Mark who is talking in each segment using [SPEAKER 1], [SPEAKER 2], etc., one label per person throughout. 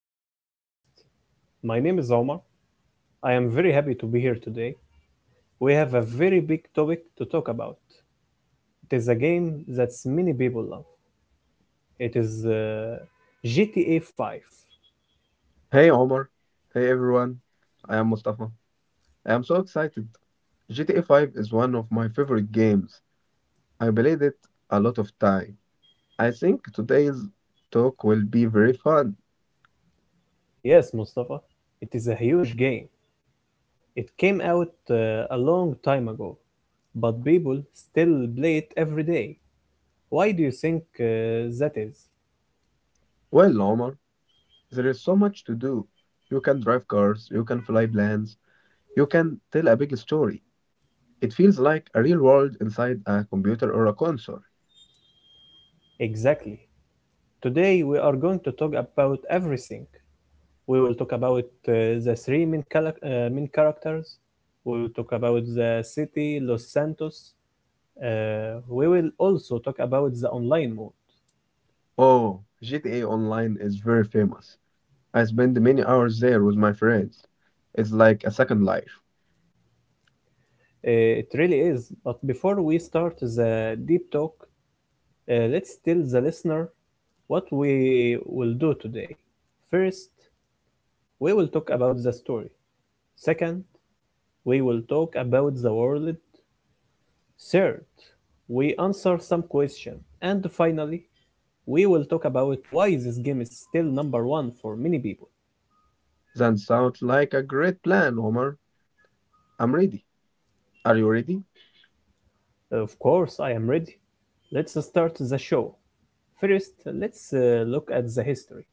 [SPEAKER 1] to our podcast. My name is Omar. I am very happy to be here today. We have a very big topic to talk about. It is a game that many people love. It is GTA 5.
[SPEAKER 2] Hey Omar, hey everyone. I am Mustafa. I am so excited. GTA 5 is one of my favorite games. I played it a lot of time. I think today's talk will be very fun.
[SPEAKER 1] Yes, Mustafa, it is a huge game. It came out a long time ago, but people still play it every day. Why do you think that is?
[SPEAKER 2] Well, Omar, there is so much to do. You can drive cars, you can fly planes, you can tell a big story. It feels like a real world inside a computer or a console.
[SPEAKER 1] Exactly. Today we are going to talk about everything. We will talk about the main characters. We will talk about the city, Los Santos. We will also talk about the online mode.
[SPEAKER 2] Oh, GTA Online is very famous. I spend many hours there with my friends. It's like a second life.
[SPEAKER 1] It really is. But before we start the deep talk, let's tell the listener what we will do today. First, we will talk about the story. Second, we will talk about the world. Third, we answer some questions. And finally, we will talk about why this game is still number one for many people.
[SPEAKER 2] That sounds like a great plan, Omar. I'm ready. Are you ready?
[SPEAKER 1] Of course, I am ready. Let's start the show. First, let's look at the history.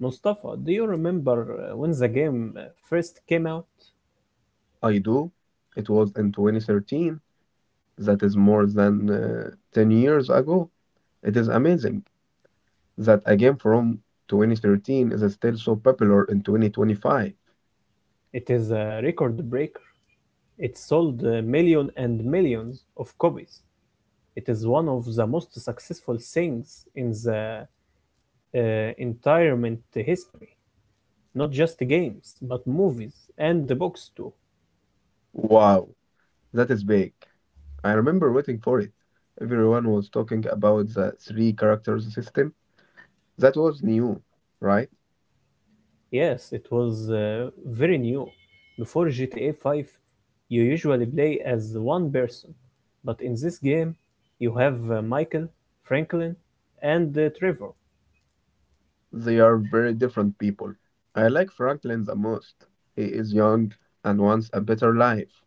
[SPEAKER 1] Mustafa, do you remember when the game first came out?
[SPEAKER 2] I do. It was in 2013. That is more than 10 years ago. It is amazing that a game from 2013 is still so popular in 2025.
[SPEAKER 1] It is a record breaker. It sold million and millions of copies. It is one of the most successful things in the uh, entertainment history. Not just games, but movies and the books too.
[SPEAKER 2] Wow, that is big. I remember waiting for it. Everyone was talking about the three characters system. That was new, right?
[SPEAKER 1] Yes, it was very new. Before GTA 5, you usually play as one person, but in this game, you have Michael, Franklin, and Trevor.
[SPEAKER 2] They are very different people. I like Franklin the most. He is young and wants a better life.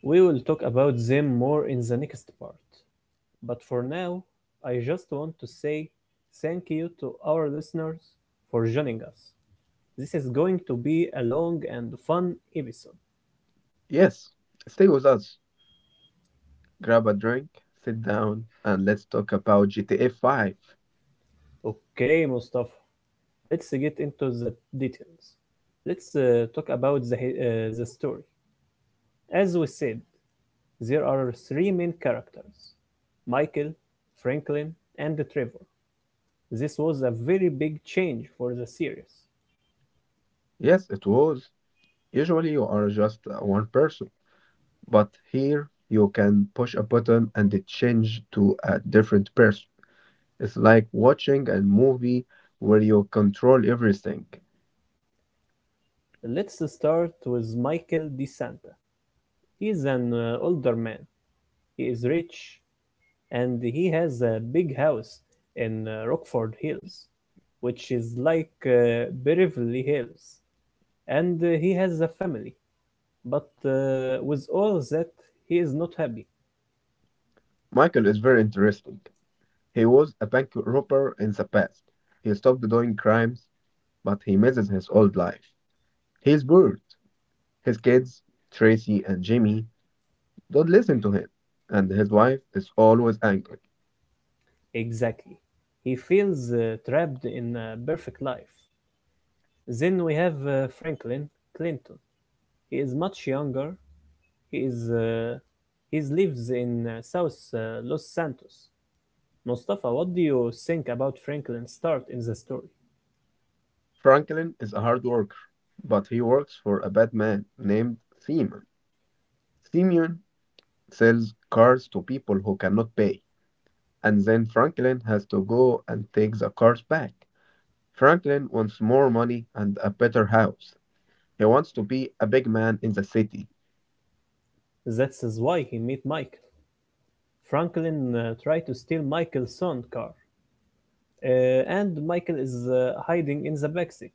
[SPEAKER 1] We will talk about them more in the next part. But for now, I just want to say thank you to our listeners for joining us. This is going to be a long and fun episode.
[SPEAKER 2] Yes, stay with us. Grab a drink, sit down, and let's talk about GTA 5.
[SPEAKER 1] Okay, Mustafa, let's get into the details. Let's talk about the story. As we said, there are three main characters: Michael, Franklin, and Trevor. This was a very big change for the series.
[SPEAKER 2] Yes, it was. Usually you are just one person, but here you can push a button and it change to a different person. It's like watching a movie where you control everything.
[SPEAKER 1] Let's start with Michael DeSanta. He is an older man. He is rich and he has a big house in Rockford Hills, which is like Beverly Hills. And he has a family. But with all that, he is not happy.
[SPEAKER 2] Michael is very interesting. He was a bank robber in the past. He stopped doing crimes, but he misses his old life. He's bored. His kids, Tracy and Jimmy, don't listen to him, and his wife is always angry.
[SPEAKER 1] Exactly. He feels trapped in a perfect life. Then we have Franklin Clinton. He is much younger. He is uh, he lives in South Los Santos. Mustafa, what do you think about Franklin's start in the story?
[SPEAKER 2] Franklin is a hard worker, but he works for a bad man named Simeon. Simeon sells cars to people who cannot pay, and then Franklin has to go and take the cars back. Franklin wants more money and a better house. He wants to be a big man in the city.
[SPEAKER 1] That is why he met Michael. Franklin tried to steal Michael's son car, uh, and Michael is hiding in the backseat.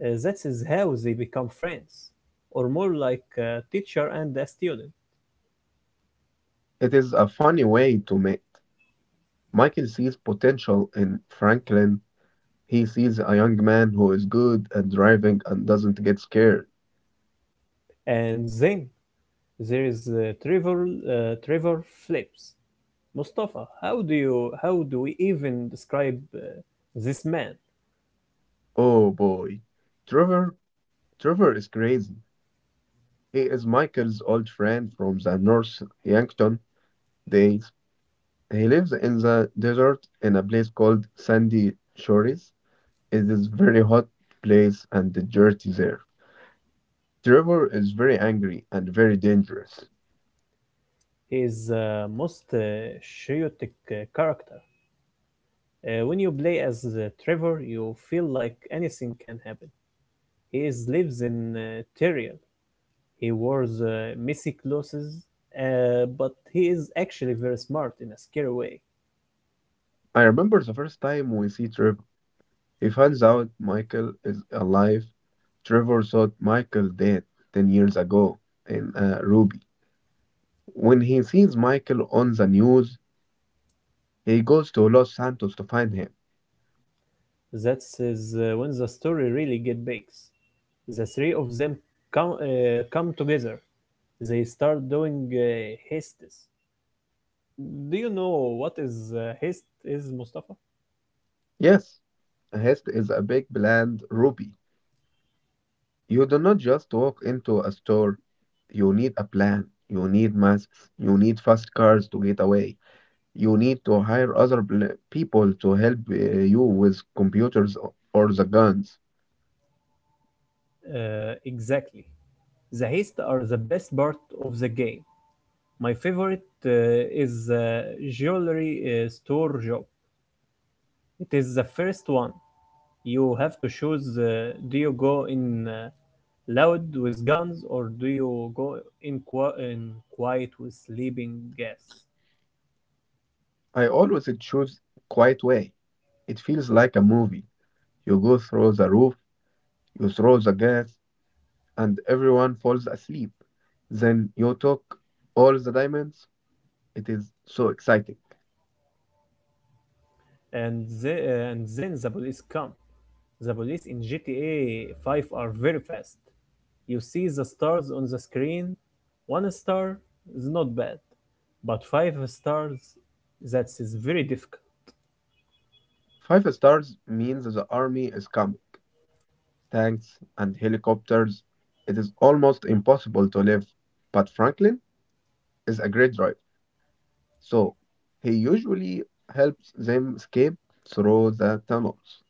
[SPEAKER 1] This how they become friends, or more like a teacher and a student.
[SPEAKER 2] It is a funny way to meet. Michael sees potential in Franklin. He sees a young man who is good at driving and doesn't get scared.
[SPEAKER 1] And then there is Trevor. Trevor flips. Mustafa, how do you? How do we even describe this man?
[SPEAKER 2] Oh boy. Trevor Trevor is crazy. He is Michael's old friend from the North Yankton days. He lives in the desert in a place called Sandy Shores. It is very hot place and dirty there. Trevor is very angry and very dangerous.
[SPEAKER 1] He is most chaotic character. When you play as Trevor, you feel like anything can happen. Lives in Tyrion. He wears messy clothes, but he is actually very smart in a scary way.
[SPEAKER 2] I remember the first time we see Trevor. He finds out Michael is alive. Trevor thought Michael dead 10 years ago in Ruby. When he sees Michael on the news, he goes to Los Santos to find him.
[SPEAKER 1] That is when the story really get big. The three of them come together. They start doing heists. Do you know what is heist is, Mustafa?
[SPEAKER 2] Yes, Hest is a big bland Ruby. You do not just walk into a store. You need a plan. You need masks. You need fast cars to get away. You need to hire people to help you with or the guns.
[SPEAKER 1] Exactly. The heists are the best part of the game. My favorite is the jewelry store job. It is the first one. You have to choose: do you go in loud with guns, or do you go in quiet with sleeping gas?
[SPEAKER 2] I always choose quiet way. It feels like a movie. You go through the roof, you throw the gas, and everyone falls asleep. Then you took all the diamonds. It is so exciting.
[SPEAKER 1] And then the police come. The police in GTA 5 are very fast. You see the stars on the screen. One star is not bad, but five stars, that is very difficult.
[SPEAKER 2] Five stars means the army is coming. Tanks and helicopters. It is almost impossible to live, but Franklin is a great driver. So he usually helps them escape through the tunnels.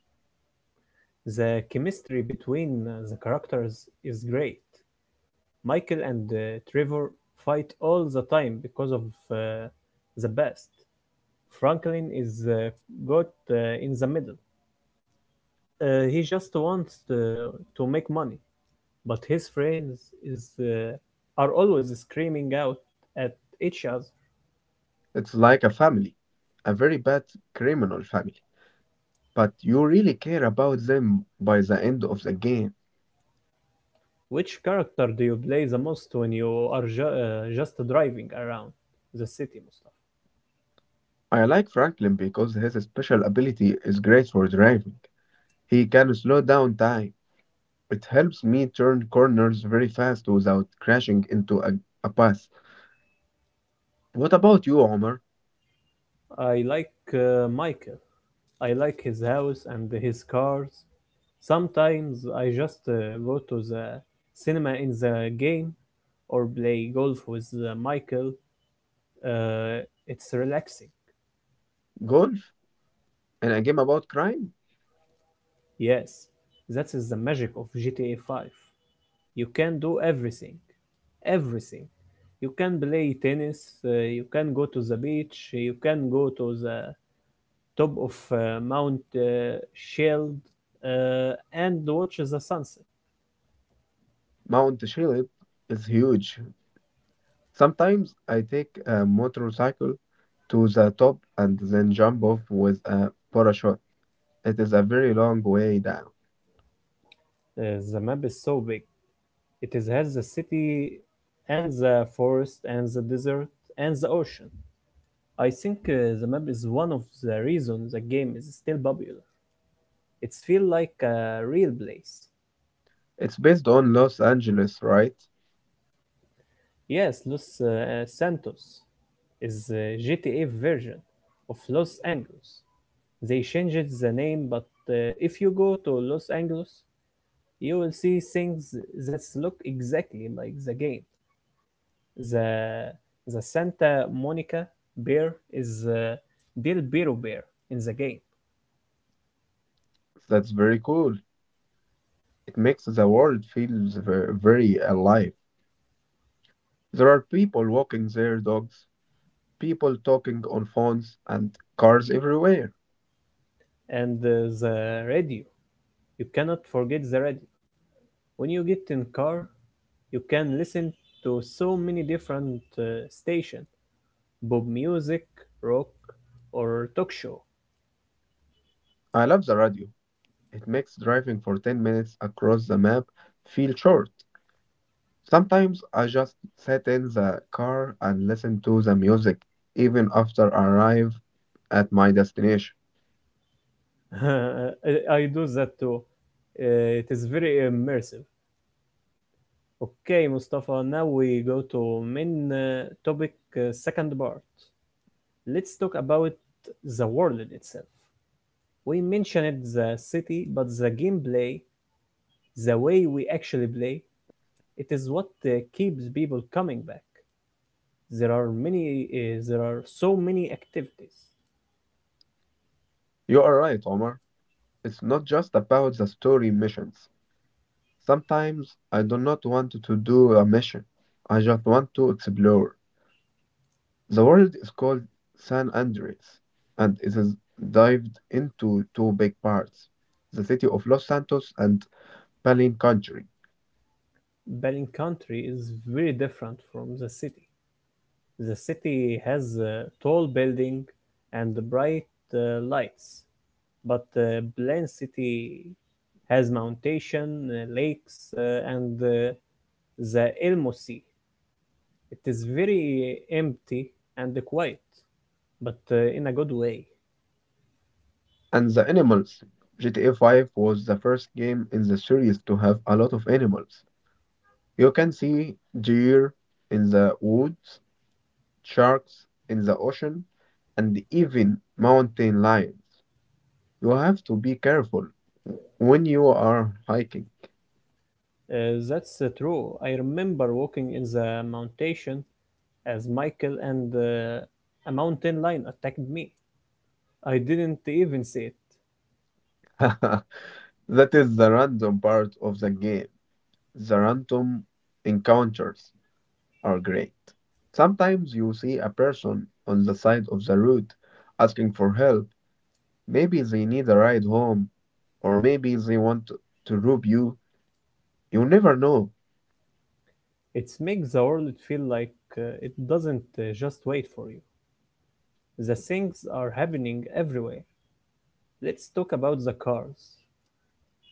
[SPEAKER 1] The chemistry between the characters is great. Michael and Trevor fight all the time because of uh, the past. Franklin is got in the middle. He just wants to make money, but his friends is are always screaming out at each other.
[SPEAKER 2] It's like a family, a very bad criminal family. But you really care about them by the end of the game.
[SPEAKER 1] Which character do you play the most when you are just driving around the city?
[SPEAKER 2] I like Franklin because his special ability is great for driving. He can slow down time. It helps me turn corners very fast without crashing into a path. What about you, Omar?
[SPEAKER 1] I like Michael. I like his house and his cars. Sometimes I just go to the cinema in the game or play golf with Michael. Uh, it's relaxing.
[SPEAKER 2] Golf? And a game about crime?
[SPEAKER 1] Yes, that is the magic of GTA 5. You can do everything. Everything. You can play tennis, you can go to the beach, you can go to the top of Mount Shield and watches the sunset.
[SPEAKER 2] Mount Chiliad is huge. Sometimes I take a motorcycle to the top and then jump off with a parachute. It is a very long way down.
[SPEAKER 1] Uh, the map is so big. It has the city and the forest and the desert and the ocean. I think the map is one of the reasons the game is still popular. It feels like a real place.
[SPEAKER 2] It's based on Los Angeles, right?
[SPEAKER 1] Yes, Los Santos is the GTA version of Los Angeles. They changed the name, but if you go to Los Angeles, you will see things that look exactly like the game. The Santa Monica bear is the Del Biro bear in the game,
[SPEAKER 2] That's very cool. It makes the world feel very alive. There are people walking their dogs, people talking on phones, and cars everywhere.
[SPEAKER 1] and the radio. You cannot forget the radio. When you get in car, you can listen to so many different stations, pop music, rock, or talk show.
[SPEAKER 2] I love the radio. It makes driving for 10 minutes across the map feel short. Sometimes I just sit in the car and listen to the music, even after I arrive at my destination.
[SPEAKER 1] I do that too. It is very immersive. Okay, Mustafa, now we go to main topic, second part. Let's talk about the world itself. We mentioned the city, but the gameplay, the way we actually play, it is what keeps people coming back. There are many, uh, there are so many activities.
[SPEAKER 2] You are right, Omar. It's not just about the story missions. Sometimes I do not want to do a mission. I just want to explore. The world is called San Andres, and it is divided into two big parts: the city of Los Santos and Palin Country.
[SPEAKER 1] Balin country is very different from the city. The city has a tall building and bright lights, but Blaine City has mountain, lakes, and the Elmo Sea. It is very empty and quiet, but in a good way.
[SPEAKER 2] And the animals. GTA 5 was the first game in the series to have a lot of animals. You can see deer in the woods, sharks in the ocean, and even mountain lions. You have to be careful when you are hiking.
[SPEAKER 1] That's true. I remember walking in the mountain as Michael and a mountain lion attacked me. I didn't even see it.
[SPEAKER 2] That is the random part of the game. The random encounters are great. Sometimes you see a person on the side of the road asking for help. Maybe they need a ride home, or maybe they want to rob you. You never know.
[SPEAKER 1] It makes the world feel like it doesn't just wait for you. The things are happening everywhere. Let's talk about the cars.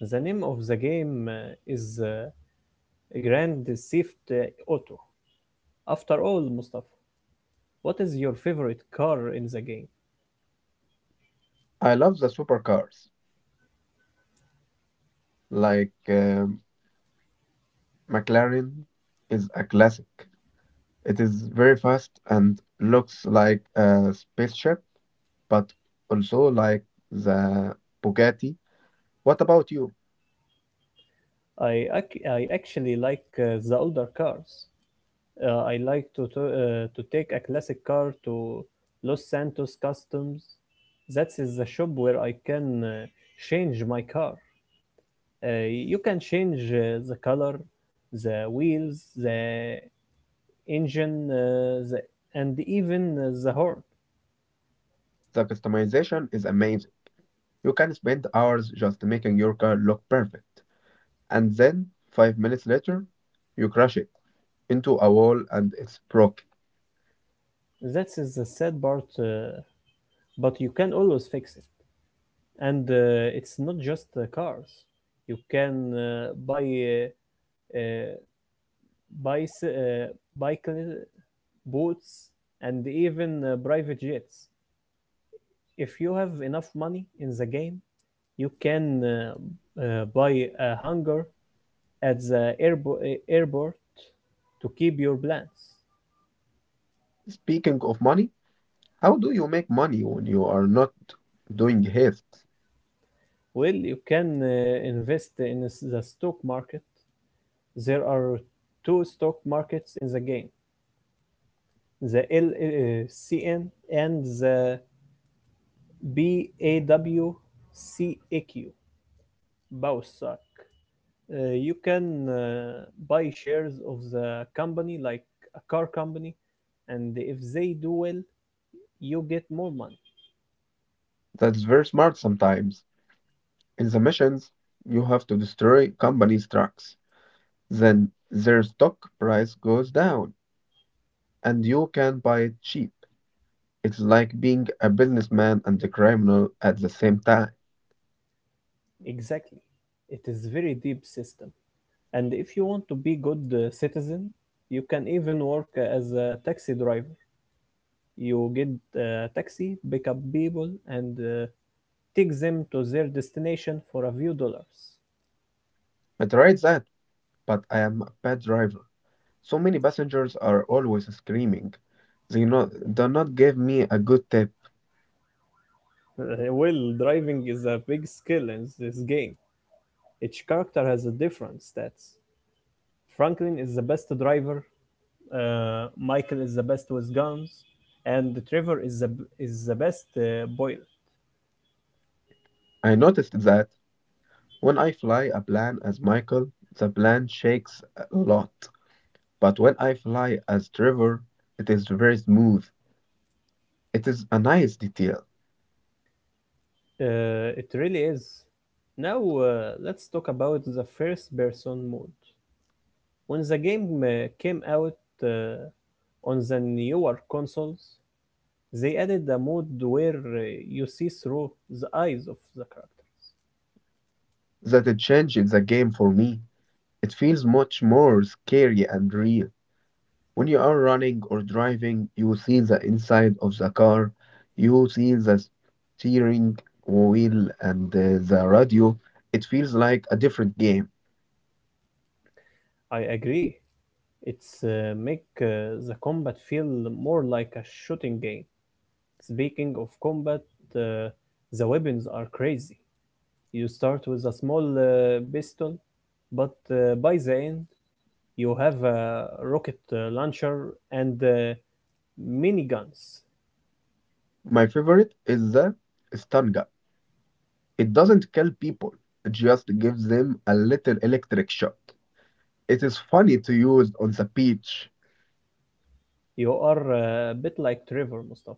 [SPEAKER 1] The name of the game is Grand Theft Auto. After all, Mustafa, what is your favorite car in the game?
[SPEAKER 2] I love the supercars. Like McLaren is a classic. It is very fast and looks like a spaceship, but also like the Bugatti. What about you?
[SPEAKER 1] I actually like the older cars. I like to take a classic car to Los Santos Customs. That is the shop where I can change my car. You can change the color, the wheels, the engine, and even the horn.
[SPEAKER 2] The customization is amazing. You can spend hours just making your car look perfect, and then 5 minutes later, you crash it into a wall and it's broke.
[SPEAKER 1] That is the sad part, but you can always fix it. And it's not just cars. You can buy uh, bicy- uh, bicycle boats, and even private jets. If you have enough money in the game, you can buy a hangar at the airport to keep your plans?
[SPEAKER 2] Speaking of money, how do you make money when you are not doing heists?
[SPEAKER 1] Well, you can invest in the stock market. There are two stock markets in the game, the LCN and the BAWCAQ, BAWSAC. You can buy shares of the company, like a car company, and if they do well, you get more money.
[SPEAKER 2] That's very smart sometimes. In the missions, you have to destroy companies' trucks, then their stock price goes down and you can buy it cheap. It's like being a businessman and a criminal at the same time.
[SPEAKER 1] Exactly. It is very deep system. And if you want to be good citizen, you can even work as a taxi driver. You get a taxi, pick up people, and take them to their destination for a few dollars.
[SPEAKER 2] I tried that, but I am a bad driver. So many passengers are always screaming. They not, do not give me a good tip.
[SPEAKER 1] Well, driving is a big skill in this game. Each character has a different stats. Franklin is the best driver, Michael is the best with guns, and Trevor is the best boiler.
[SPEAKER 2] I noticed that when I fly a plane as Michael, the plane shakes a lot. But when I fly as Trevor, it is very smooth. It is a nice detail
[SPEAKER 1] It really is. Now let's talk about the first person mode. When the game came out on the newer consoles, they added a mode where you see through the eyes of the characters.
[SPEAKER 2] that it changed the game for me. It feels much more scary and real. When you are running or driving, you see the inside of the car, you see the steering wheel and the radio. It feels like a different game.
[SPEAKER 1] I agree. It's make the combat feel more like a shooting game. Speaking of combat, uh, the weapons are crazy. You start with a small pistol, but by the end you have a rocket launcher and mini guns.
[SPEAKER 2] My favorite is the Stanga. It doesn't kill people, it just gives them a little electric shock. It is funny to use on the beach,
[SPEAKER 1] You are a bit like Trevor, Mustafa,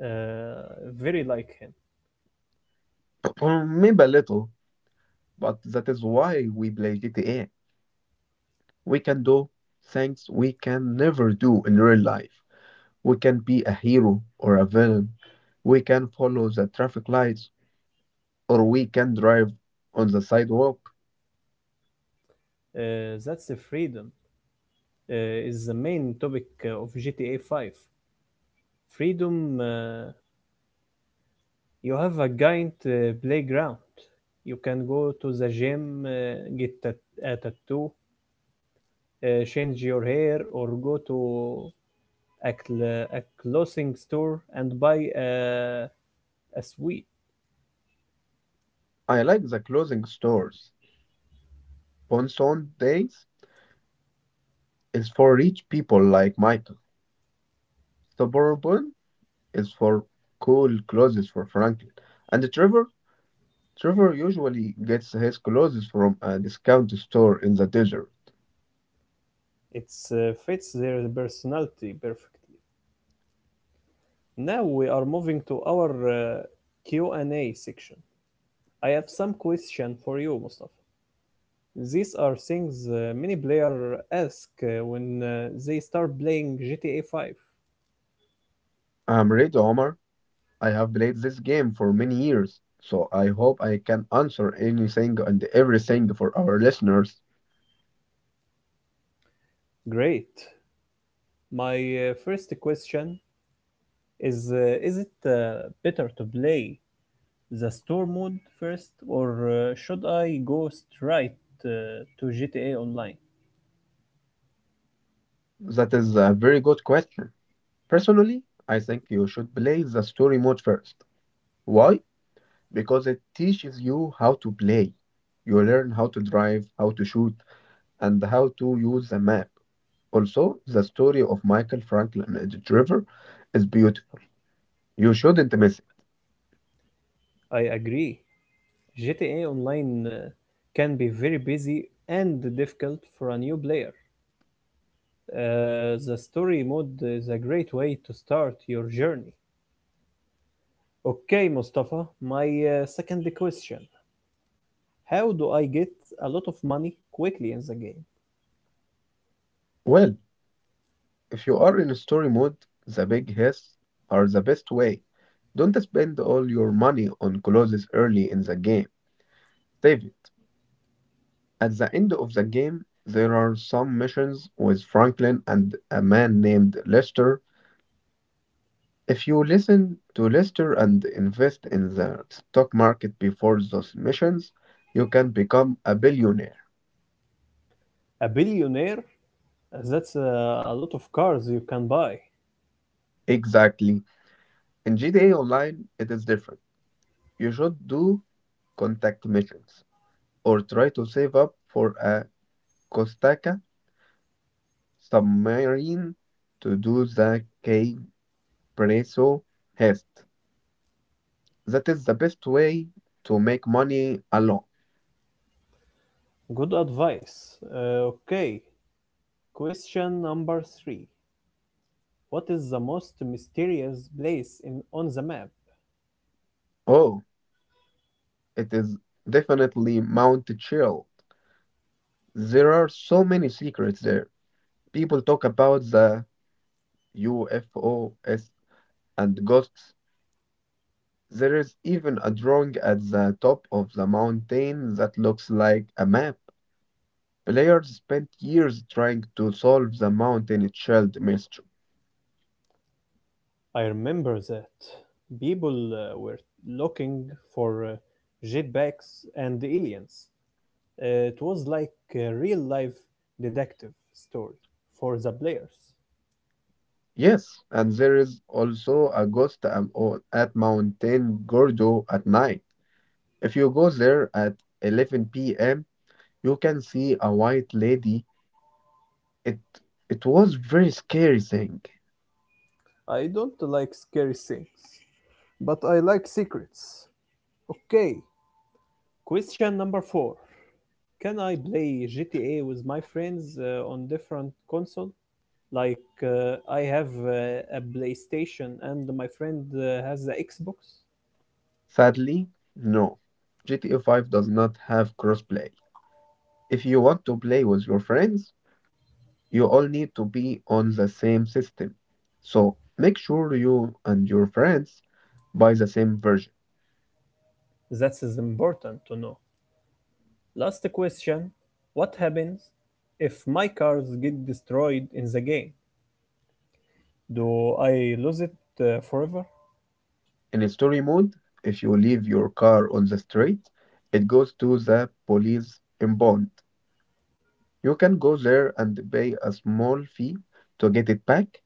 [SPEAKER 1] very like him.
[SPEAKER 2] or maybe a little, but that is why we play GTA. We can do things we can never do in real life. We can be a hero or a villain. We can follow the traffic lights or we can drive on the sidewalk.
[SPEAKER 1] Uh, that's the freedom, is the main topic of GTA 5. Freedom, you have a giant playground. You can go to the gym, get a tattoo, change your hair, or go to a clothing store and buy a as we.
[SPEAKER 2] I like the clothing stores. Ponson Days is for rich people like Michael. Suburban is for cool clothes for Franklin. And Trevor? Trevor usually gets his clothes from a discount store in the desert.
[SPEAKER 1] It fits their personality perfect. Now we are moving to our Q&A section. I have some question for you, Mustafa. These are things many players ask when they start playing GTA 5.
[SPEAKER 2] I'm ready, Omar. I have played this game for many years, so I hope I can answer anything and everything for our listeners.
[SPEAKER 1] Great. My first question is is it better to play the store mode first, or should I go straight to GTA Online?
[SPEAKER 2] That is a very good question. Personally, I think you should play the story mode first. Why? Because it teaches you how to play. You learn how to drive, how to shoot, and how to use a map. Also, the story of Michael, Franklin and the River is beautiful. You shouldn't miss it.
[SPEAKER 1] I agree. GTA Online can be very busy and difficult for a new player. The story mode is a great way to start your journey. Okay, Mustafa, my second question. How do I get a lot of money quickly in the game?
[SPEAKER 2] Well, if you are in story mode, the big hits are the best way. Don't spend all your money on clothes early in the game. Save it. At the end of the game, there are some missions with Franklin and a man named Lester. If you listen to Lester and invest in the stock market before those missions, you can become a billionaire.
[SPEAKER 1] A billionaire. That's a lot of cars you can buy.
[SPEAKER 2] Exactly. In GTA Online, it is different. You should do contact missions or try to save up for a Kostaka submarine to do the K-Presso heist. That is the best way to make money alone.
[SPEAKER 1] Good advice. Okay, question number three. What is the most mysterious place in on the map?
[SPEAKER 2] Oh, it is definitely Mount Chill. There are so many secrets there. People talk about the UFOs and ghosts. There is even a drawing at the top of the mountain that looks like a map. Players spent years trying to solve the mountain child mystery.
[SPEAKER 1] I remember that people were looking for jetpacks and aliens. It was like a real life detective story for the players.
[SPEAKER 2] Yes, and there is also a ghost at Mountain Gordo at night. If you go there at 11 p.m., you can see a white lady. It it was very scary thing.
[SPEAKER 1] I don't like scary things, but I like secrets. Okay, question number four. Can I play GTA with my friends on different console? Like I have a PlayStation and my friend has the Xbox.
[SPEAKER 2] Sadly, no. GTA 5 does not have crossplay. If you want to play with your friends, you all need to be on the same system. So make sure you and your friends buy the same version.
[SPEAKER 1] That is important to know. Last question: what happens if my cars get destroyed in the game? Do I lose it forever?
[SPEAKER 2] In story mode, if you leave your car on the street, it goes to the police impound. You can go there and pay a small fee to get it back,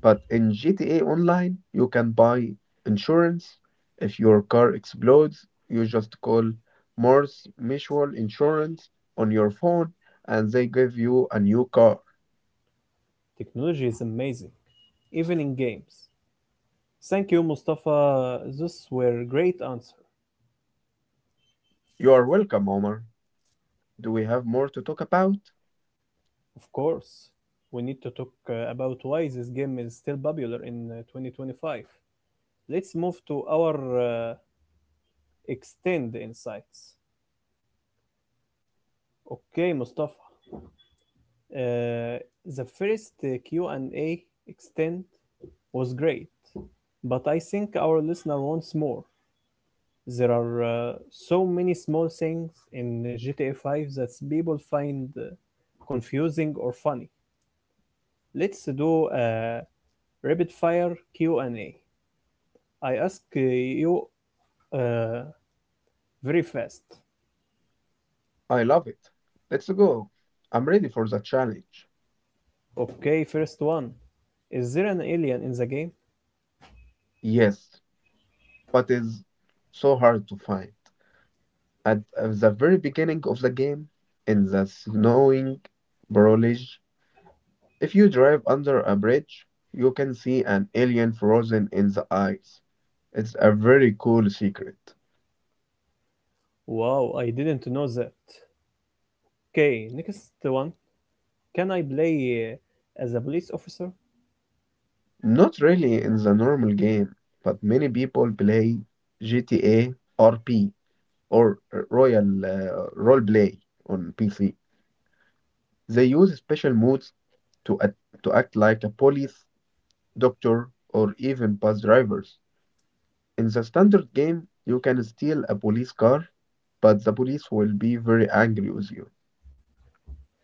[SPEAKER 2] but in GTA Online, you can buy insurance. If your car explodes, you just call Morse Mutual Insurance on your phone and they give you a new car.
[SPEAKER 1] Technology is amazing, even in games. Thank you, Mustafa. Those were great answers.
[SPEAKER 2] You are welcome, Omar. Do we have more to talk about?
[SPEAKER 1] Of course, we need to talk about why this game is still popular in 2025. Let's move to our extend insights. Okay, Mustafa. Uh, the first Q&A extend was great, but I think our listener wants more. There are so many small things in GTA 5 that people find confusing or funny. Let's do a rapid fire Q&A. I ask you uh, very fast.
[SPEAKER 2] I love it. Let's go. I'm ready for the challenge.
[SPEAKER 1] Okay, first one. Is there an alien in the game?
[SPEAKER 2] Yes, but it's so hard to find. At the very beginning of the game, in the snowing barrelage, if you drive under a bridge, you can see an alien frozen in the ice. It's a very cool secret.
[SPEAKER 1] Wow, I didn't know that. Okay, next one. Can I play as a police officer?
[SPEAKER 2] Not really in the normal game, but many people play GTA RP or Royal Roleplay on PC. They use special modes to act, to act like a police, doctor, or even bus drivers. In the standard game, you can steal a police car, but the police will be very angry with you.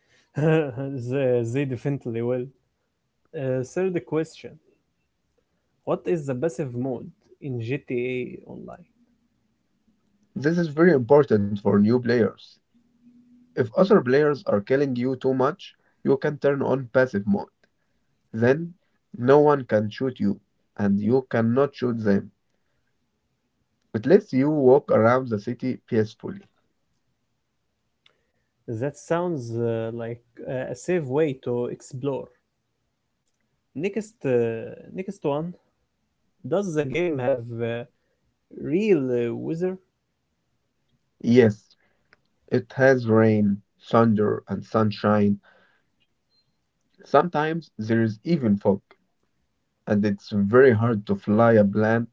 [SPEAKER 1] They definitely will. Third question. What is the passive mode in GTA Online?
[SPEAKER 2] This is very important for new players. If other players are killing you too much, you can turn on passive mode. Then no one can shoot you, and you cannot shoot them. It lets you walk around the city peacefully.
[SPEAKER 1] That sounds like a safe way to explore. Next, next one. Does the game have real weather?
[SPEAKER 2] Yes, it has rain, thunder, and sunshine. Sometimes there is even fog, and it's very hard to fly a plane.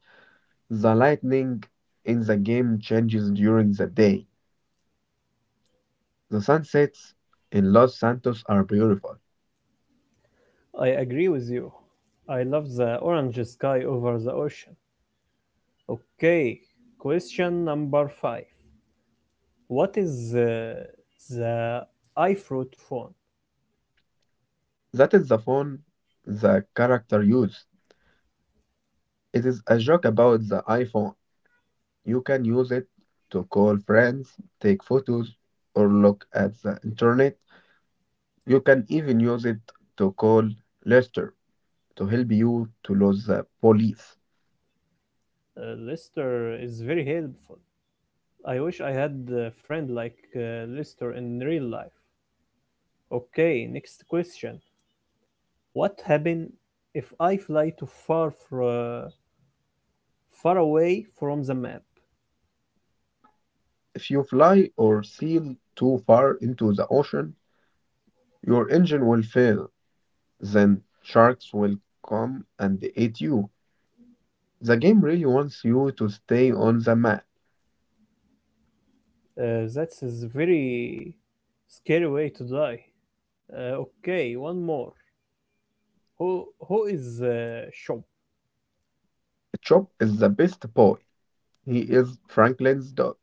[SPEAKER 2] The lightning in the game changes during the day. The sunsets in Los Santos are beautiful.
[SPEAKER 1] I agree with you. I love the orange sky over the ocean. Okay, question number five. What is the iFruit phone?
[SPEAKER 2] That is the phone the character used. It is a joke about the iPhone. You can use it to call friends, take photos, or look at the internet. You can even use it to call Lester to help you to lose the police.
[SPEAKER 1] Lister is very helpful. I wish I had a friend like Lister in real life. Okay, next question. What happens if I fly too far away from the map?
[SPEAKER 2] If you fly or sail too far into the ocean, your engine will fail, then sharks will come and eat you. The game really wants you to stay on the map.
[SPEAKER 1] That's a very scary way to die. Okay, one more. Who is Chop?
[SPEAKER 2] Chop is the best boy. He is Franklin's dog.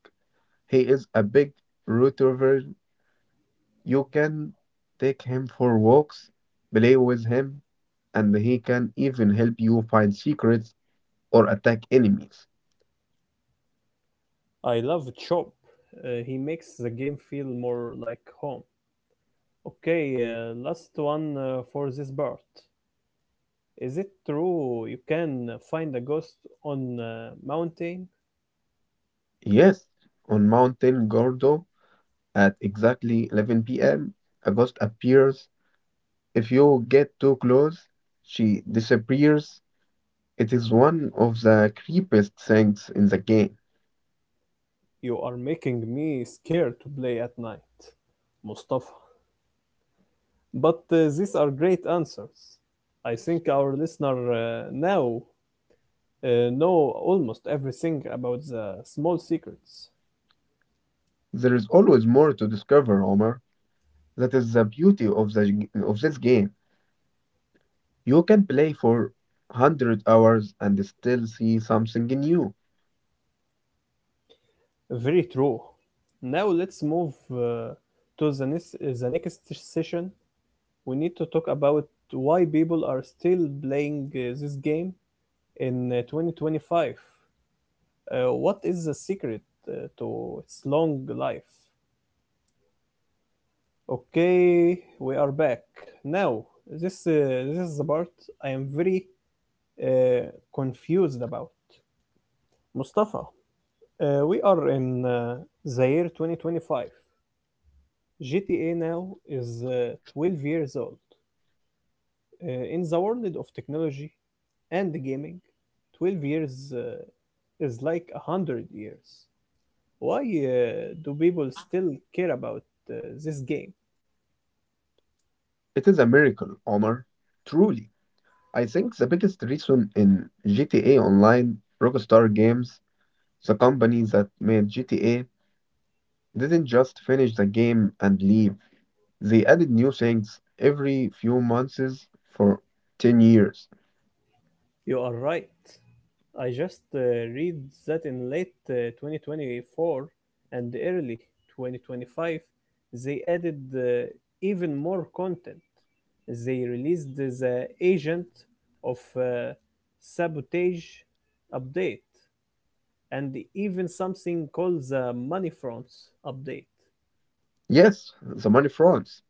[SPEAKER 2] He is a big retriever. You can take him for walks, play with him, and he can even help you find secrets or attack enemies.
[SPEAKER 1] I love Chop. He makes the game feel more like home. Okay, last one for this part. Is it true you can find a ghost on a mountain?
[SPEAKER 2] Yes, on Mountain Gordo at exactly 11 p.m., a ghost appears. If you get too close, she disappears. It is one of the creepiest things in the game.
[SPEAKER 1] You are making me scared to play at night, Mustafa. But these are great answers. I think our listener now know almost everything about the small secrets.
[SPEAKER 2] There is always more to discover, Omar. That is the beauty of the g- of this game. You can play for 100 hours and still see something new.
[SPEAKER 1] Very true. Now let's move to the next session. We need to talk about why people are still playing this game in 2025. What is the secret uh, to its long life? Okay, we are back. Now, this is the part I am very uh, confused about. Mustafa, we are in the year 2025. GTA now is 12 years old. In the world of technology and gaming, 12 years is like 100 years. Why do people still care about uh, this game?
[SPEAKER 2] It is a miracle, Omar. Truly. I think the biggest reason in GTA Online, Rockstar Games, the company that made GTA, didn't just finish the game and leave. They added new things every few months for 10 years.
[SPEAKER 1] You are right. I just read that in late 2024 and early 2025, they added even more content. They released the Agent of Sabotage update and even something called the Money Fronts update.
[SPEAKER 2] Yes, the money fronts.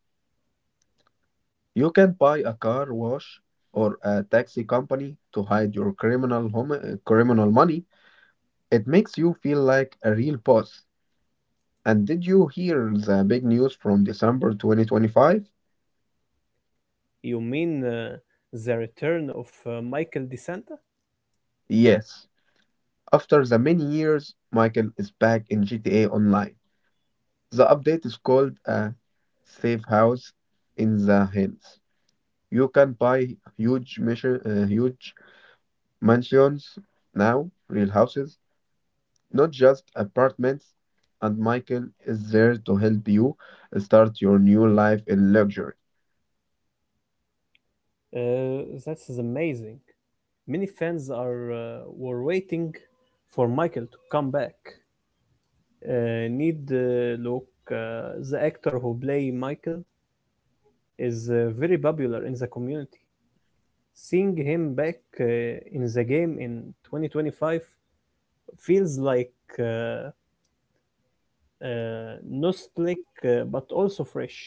[SPEAKER 2] You can buy a car wash or a taxi company to hide your criminal money. It makes you feel like a real boss. And did you hear the big news from December 2025?
[SPEAKER 1] You mean the return of Michael DeSantis?
[SPEAKER 2] Yes. After the many years, Michael is back in GTA Online. The update is called a safe house in the hills. You can buy huge mansions now, real houses, not just apartments. And Michael is there to help you start your new life in luxury.
[SPEAKER 1] That is amazing. Many fans are were waiting for Michael to come back. Need Look, the actor who play Michael is very popular in the community. Seeing him back in the game in 2025 feels like uh, uh, nostalgic but also fresh.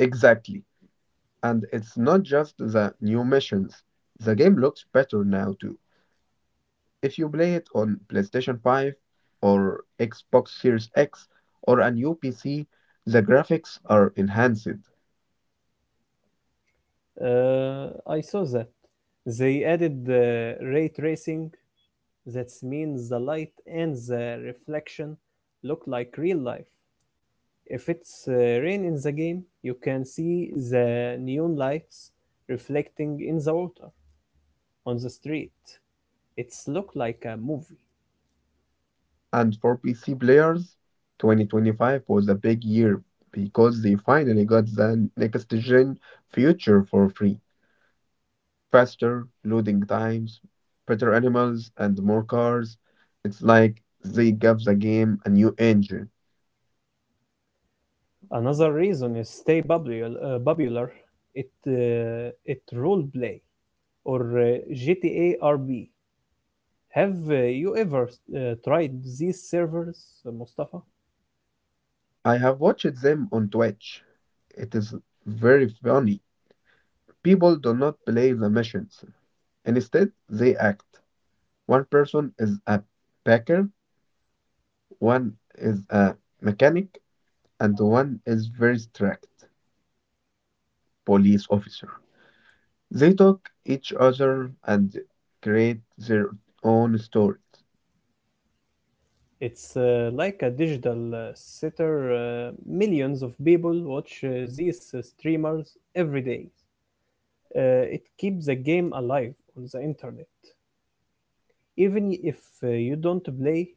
[SPEAKER 2] Exactly. And it's not just the new missions. The game looks better now too. If you play it on PlayStation 5 or Xbox Series X or a new PC, the graphics are enhanced.
[SPEAKER 1] I saw that they added ray tracing. That means the light and the reflection look like real life. If it's rain in the game, you can see the neon lights reflecting in the water on the street. It's look like a movie.
[SPEAKER 2] And for PC players, 2025 was a big year because they finally got the next gen future for free. Faster loading times, better animals, and more cars. It's like they gave the game a new engine.
[SPEAKER 1] Another reason is stay popular. It role play or GTA RB. Have you ever tried these servers, Mustafa?
[SPEAKER 2] I have watched them on Twitch. It is very funny. People do not play the missions. Instead, they act. One person is a packer, one is a mechanic, and one is very strict police officer. They talk each other and create their own stories.
[SPEAKER 1] It's like a digital sitter. Millions of people watch these streamers every day. It keeps the game alive on the internet. Even if you don't play,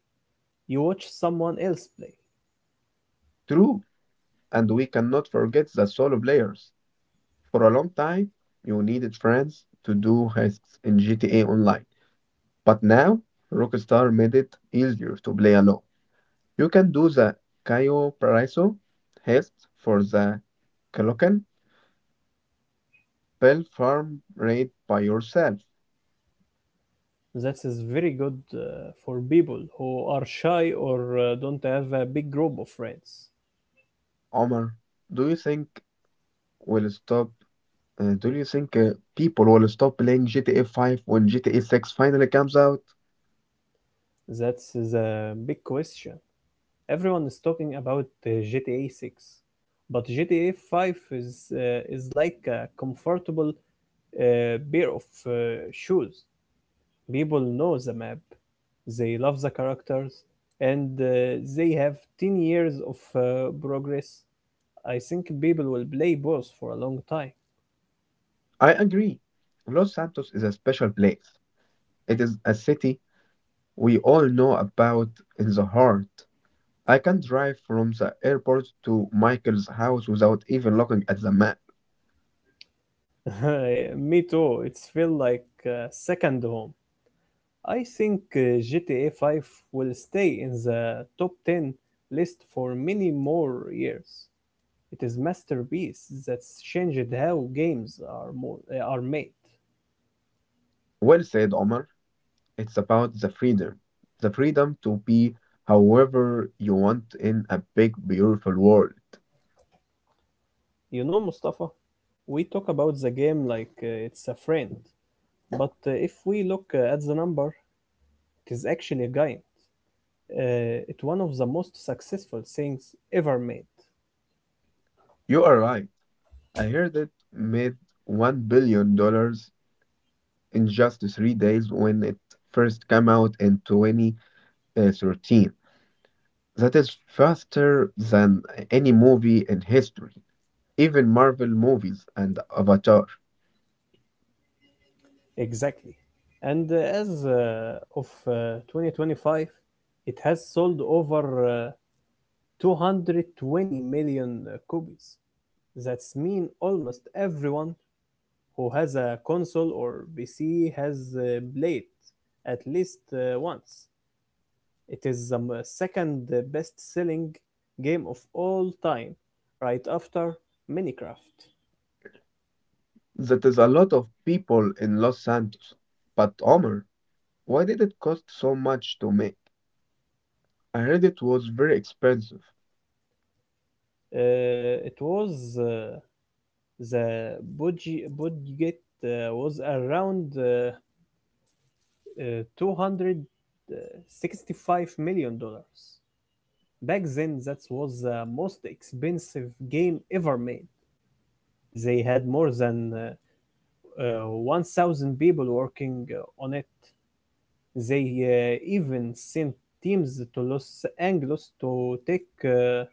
[SPEAKER 1] you watch someone else play.
[SPEAKER 2] True, and we cannot forget the solo players. For a long time, you needed friends to do hacks in GTA Online, but now Rockstar made it easier to play alone. You can do the Cayo Paraiso heist for the Calocan Bell Farm raid by yourself.
[SPEAKER 1] That is very good for people who are shy or don't have a big group of friends.
[SPEAKER 2] Omar, do you think will stop. Do you think people will stop playing GTA 5 when GTA 6 finally comes out?
[SPEAKER 1] That's a big question. Everyone is talking about GTA 6, but GTA 5 is like a comfortable pair of shoes. People know the map, they love the characters, and they have 10 years of progress. I think people will play both for a long time.
[SPEAKER 2] I agree. Los Santos is a special place. It is a city we all know about in the heart. I can drive from the airport to Michael's house without even looking at the map.
[SPEAKER 1] Me too. It's feel like second home. I think GTA 5 will stay in the top 10 list for many more years. It is masterpiece that's changed how games are made.
[SPEAKER 2] Well said, Omar. It's about the freedom. The freedom to be however you want in a big, beautiful world.
[SPEAKER 1] You know, Mustafa, we talk about the game like it's a friend, but if we look at the number, it is actually a giant. It's one of the most successful things ever made.
[SPEAKER 2] You are right. I heard it made $1 billion in just 3 days when it first came out in 2013. That is faster than any movie in history, even Marvel movies and Avatar.
[SPEAKER 1] Exactly. And as of 2025, it has sold over 220 million copies. That's mean almost everyone who has a console or PC has played at least once. It is the second best-selling game of all time, right after Minecraft.
[SPEAKER 2] That is a lot of people in Los Santos. But Omar, why did it cost so much to make? I heard it was very expensive.
[SPEAKER 1] It was. The budget was around 265 million dollars. Back then, that was the most expensive game ever made. They had more than 1,000 people working on it. They even sent teams to Los Angeles to take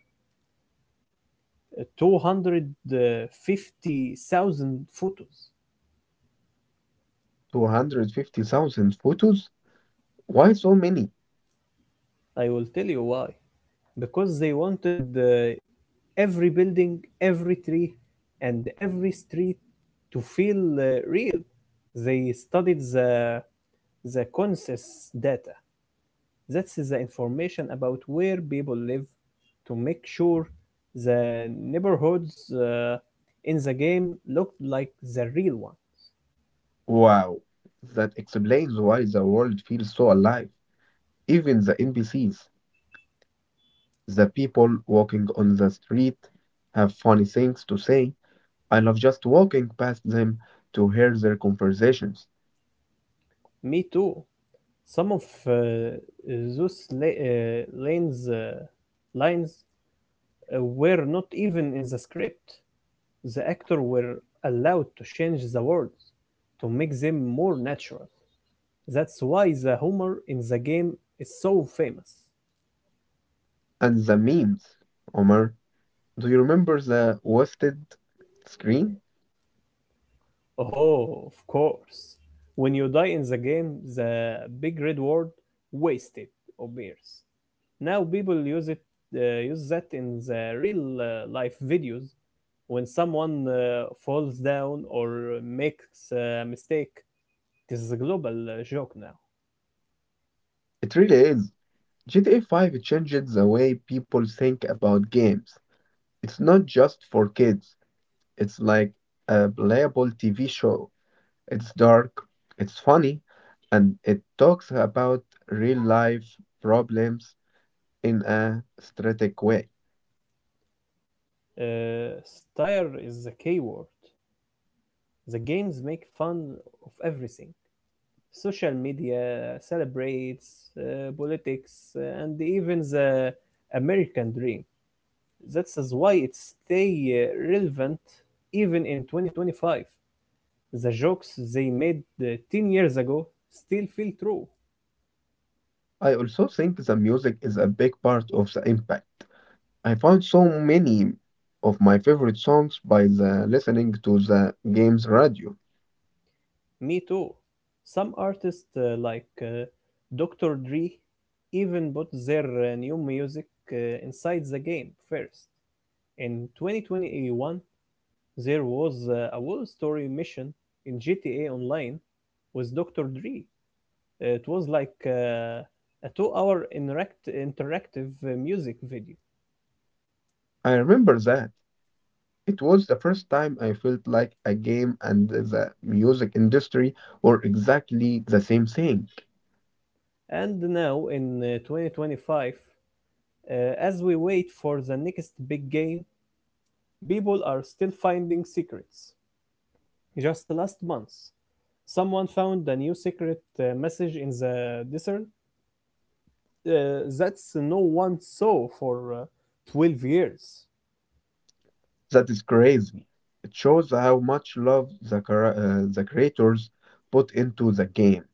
[SPEAKER 1] 250,000 photos.
[SPEAKER 2] 250,000 photos? Why so many?
[SPEAKER 1] I will tell you why. Because they wanted every building, every tree, and every street to feel real. They studied the census data. That's the information about where people live to make sure the neighborhoods in the game looked like the real one.
[SPEAKER 2] Wow, that explains why the world feels so alive. Even the NPCs, the people walking on the street, have funny things to say. I love just walking past them to hear their conversations.
[SPEAKER 1] Me too. Some of uh, those la- lanes lines were not even in the script. The actors were allowed to change the words to make them more natural. That's why the humor in the game is so famous.
[SPEAKER 2] And the memes. Omar, do you remember the wasted screen?
[SPEAKER 1] Oh, of course. When you die in the game, the big red word wasted appears. Now people use it use that in the real life videos when someone falls down or makes a mistake. This is a global joke now.
[SPEAKER 2] It really is. GTA 5 changed the way people think about games. It's not just for kids, it's like a playable TV show. It's dark, it's funny, and it talks about real life problems in a strategic way.
[SPEAKER 1] Style is the key word. The games make fun of everything. Social media celebrates politics and even the American dream. That's why it stay relevant even in 2025. The jokes they made 10 years ago still feel true.
[SPEAKER 2] I also think the music is a big part of the impact. I found so many of my favorite songs by the listening to the game's radio.
[SPEAKER 1] Me too. Some artists like Dr. Dre even put their new music uh, inside the game first. In 2021, there was a Wall Story mission in GTA Online with Dr. Dre. It was like a 2 hour interactive music video.
[SPEAKER 2] I remember that. It was the first time I felt like a game and the music industry were exactly the same thing.
[SPEAKER 1] And now in 2025, as we wait for the next big game, people are still finding secrets. Just last month, someone found a new secret message in the desert that no one saw for 12 years.
[SPEAKER 2] That is crazy. It shows how much love the creators put into the game.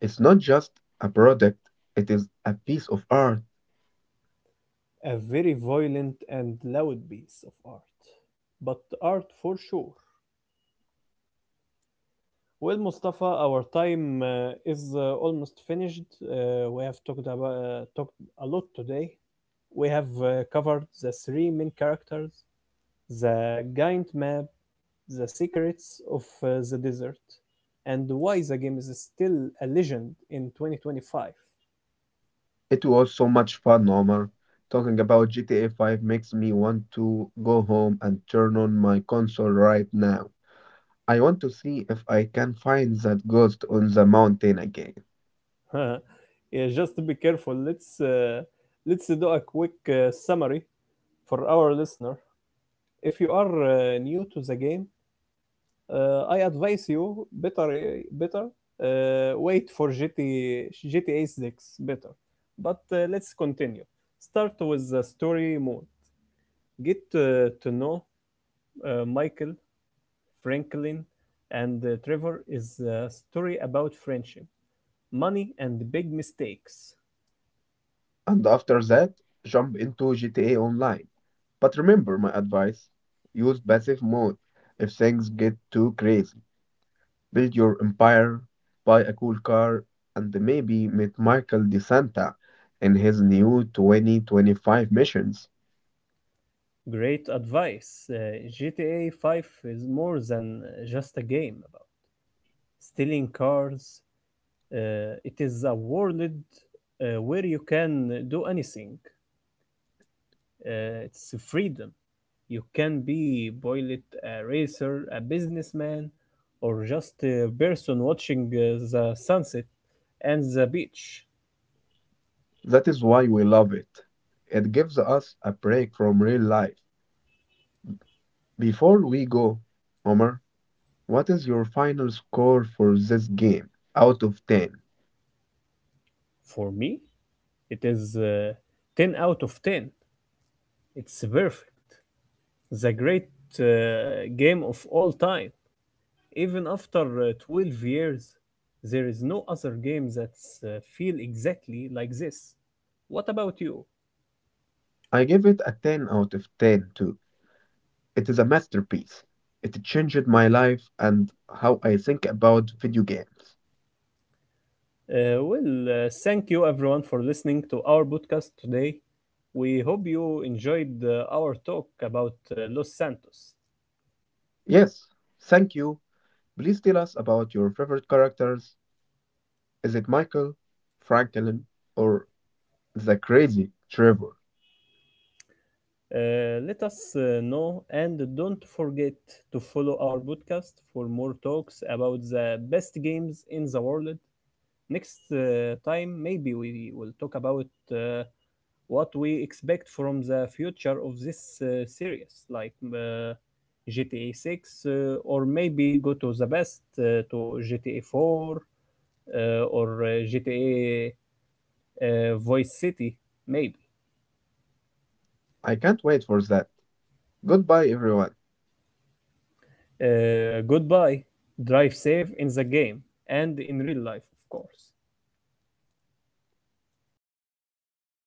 [SPEAKER 2] It's not just a product, it is a piece of art.
[SPEAKER 1] A very violent and loud piece of art, but art for sure. Well, Mustafa, our time is almost finished. We have talked a lot today. We have covered the three main characters, the giant map, the secrets of the desert, and why the game is still a legend in 2025.
[SPEAKER 2] It was so much fun, Omar. Talking about GTA 5 makes me want to go home and turn on my console right now. I want to see if I can find that ghost on the mountain again.
[SPEAKER 1] Yeah, just be careful. Let's do a quick summary for our listener. If you are new to the game, I advise you better wait for GTA 6 better. But let's continue. Start with the story mode. Get to know Michael, Franklin, and Trevor. Is a story about friendship, money, and big mistakes.
[SPEAKER 2] And after that, jump into GTA Online. But remember my advice use passive mode if things get too crazy. Build your empire, buy a cool car, and maybe meet Michael DeSanta in his new 2025 missions.
[SPEAKER 1] Great advice. GTA 5 is more than just a game about stealing cars. It is a world where you can do anything. It's freedom. You can be pilot, a racer, a businessman, or just a person watching the sunset and the beach.
[SPEAKER 2] That is why we love it. It gives us a break from real life. Before we go, Omar, what is your final score for this game out of 10?
[SPEAKER 1] For me, it is 10 out of 10. It's perfect. The great game of all time. Even after 12 years, there is no other game that feel exactly like this. What about you?
[SPEAKER 2] I give it a 10 out of 10 too. It is a masterpiece. It changed my life and how I think about video games.
[SPEAKER 1] Well, thank you everyone for listening to our podcast today. We hope you enjoyed our talk about Los Santos.
[SPEAKER 2] Yes, thank you. Please tell us about your favorite characters. Is it Michael, Franklin, or the crazy Trevor?
[SPEAKER 1] Let us know and don't forget to follow our podcast for more talks about the best games in the world. Next time, maybe we will talk about uh, what we expect from the future of this series, like GTA 6, or maybe go to the best to GTA 4 or GTA uh, Voice City, maybe.
[SPEAKER 2] I can't wait for that. Goodbye, everyone.
[SPEAKER 1] Goodbye. Drive safe in the game and in real life, of course.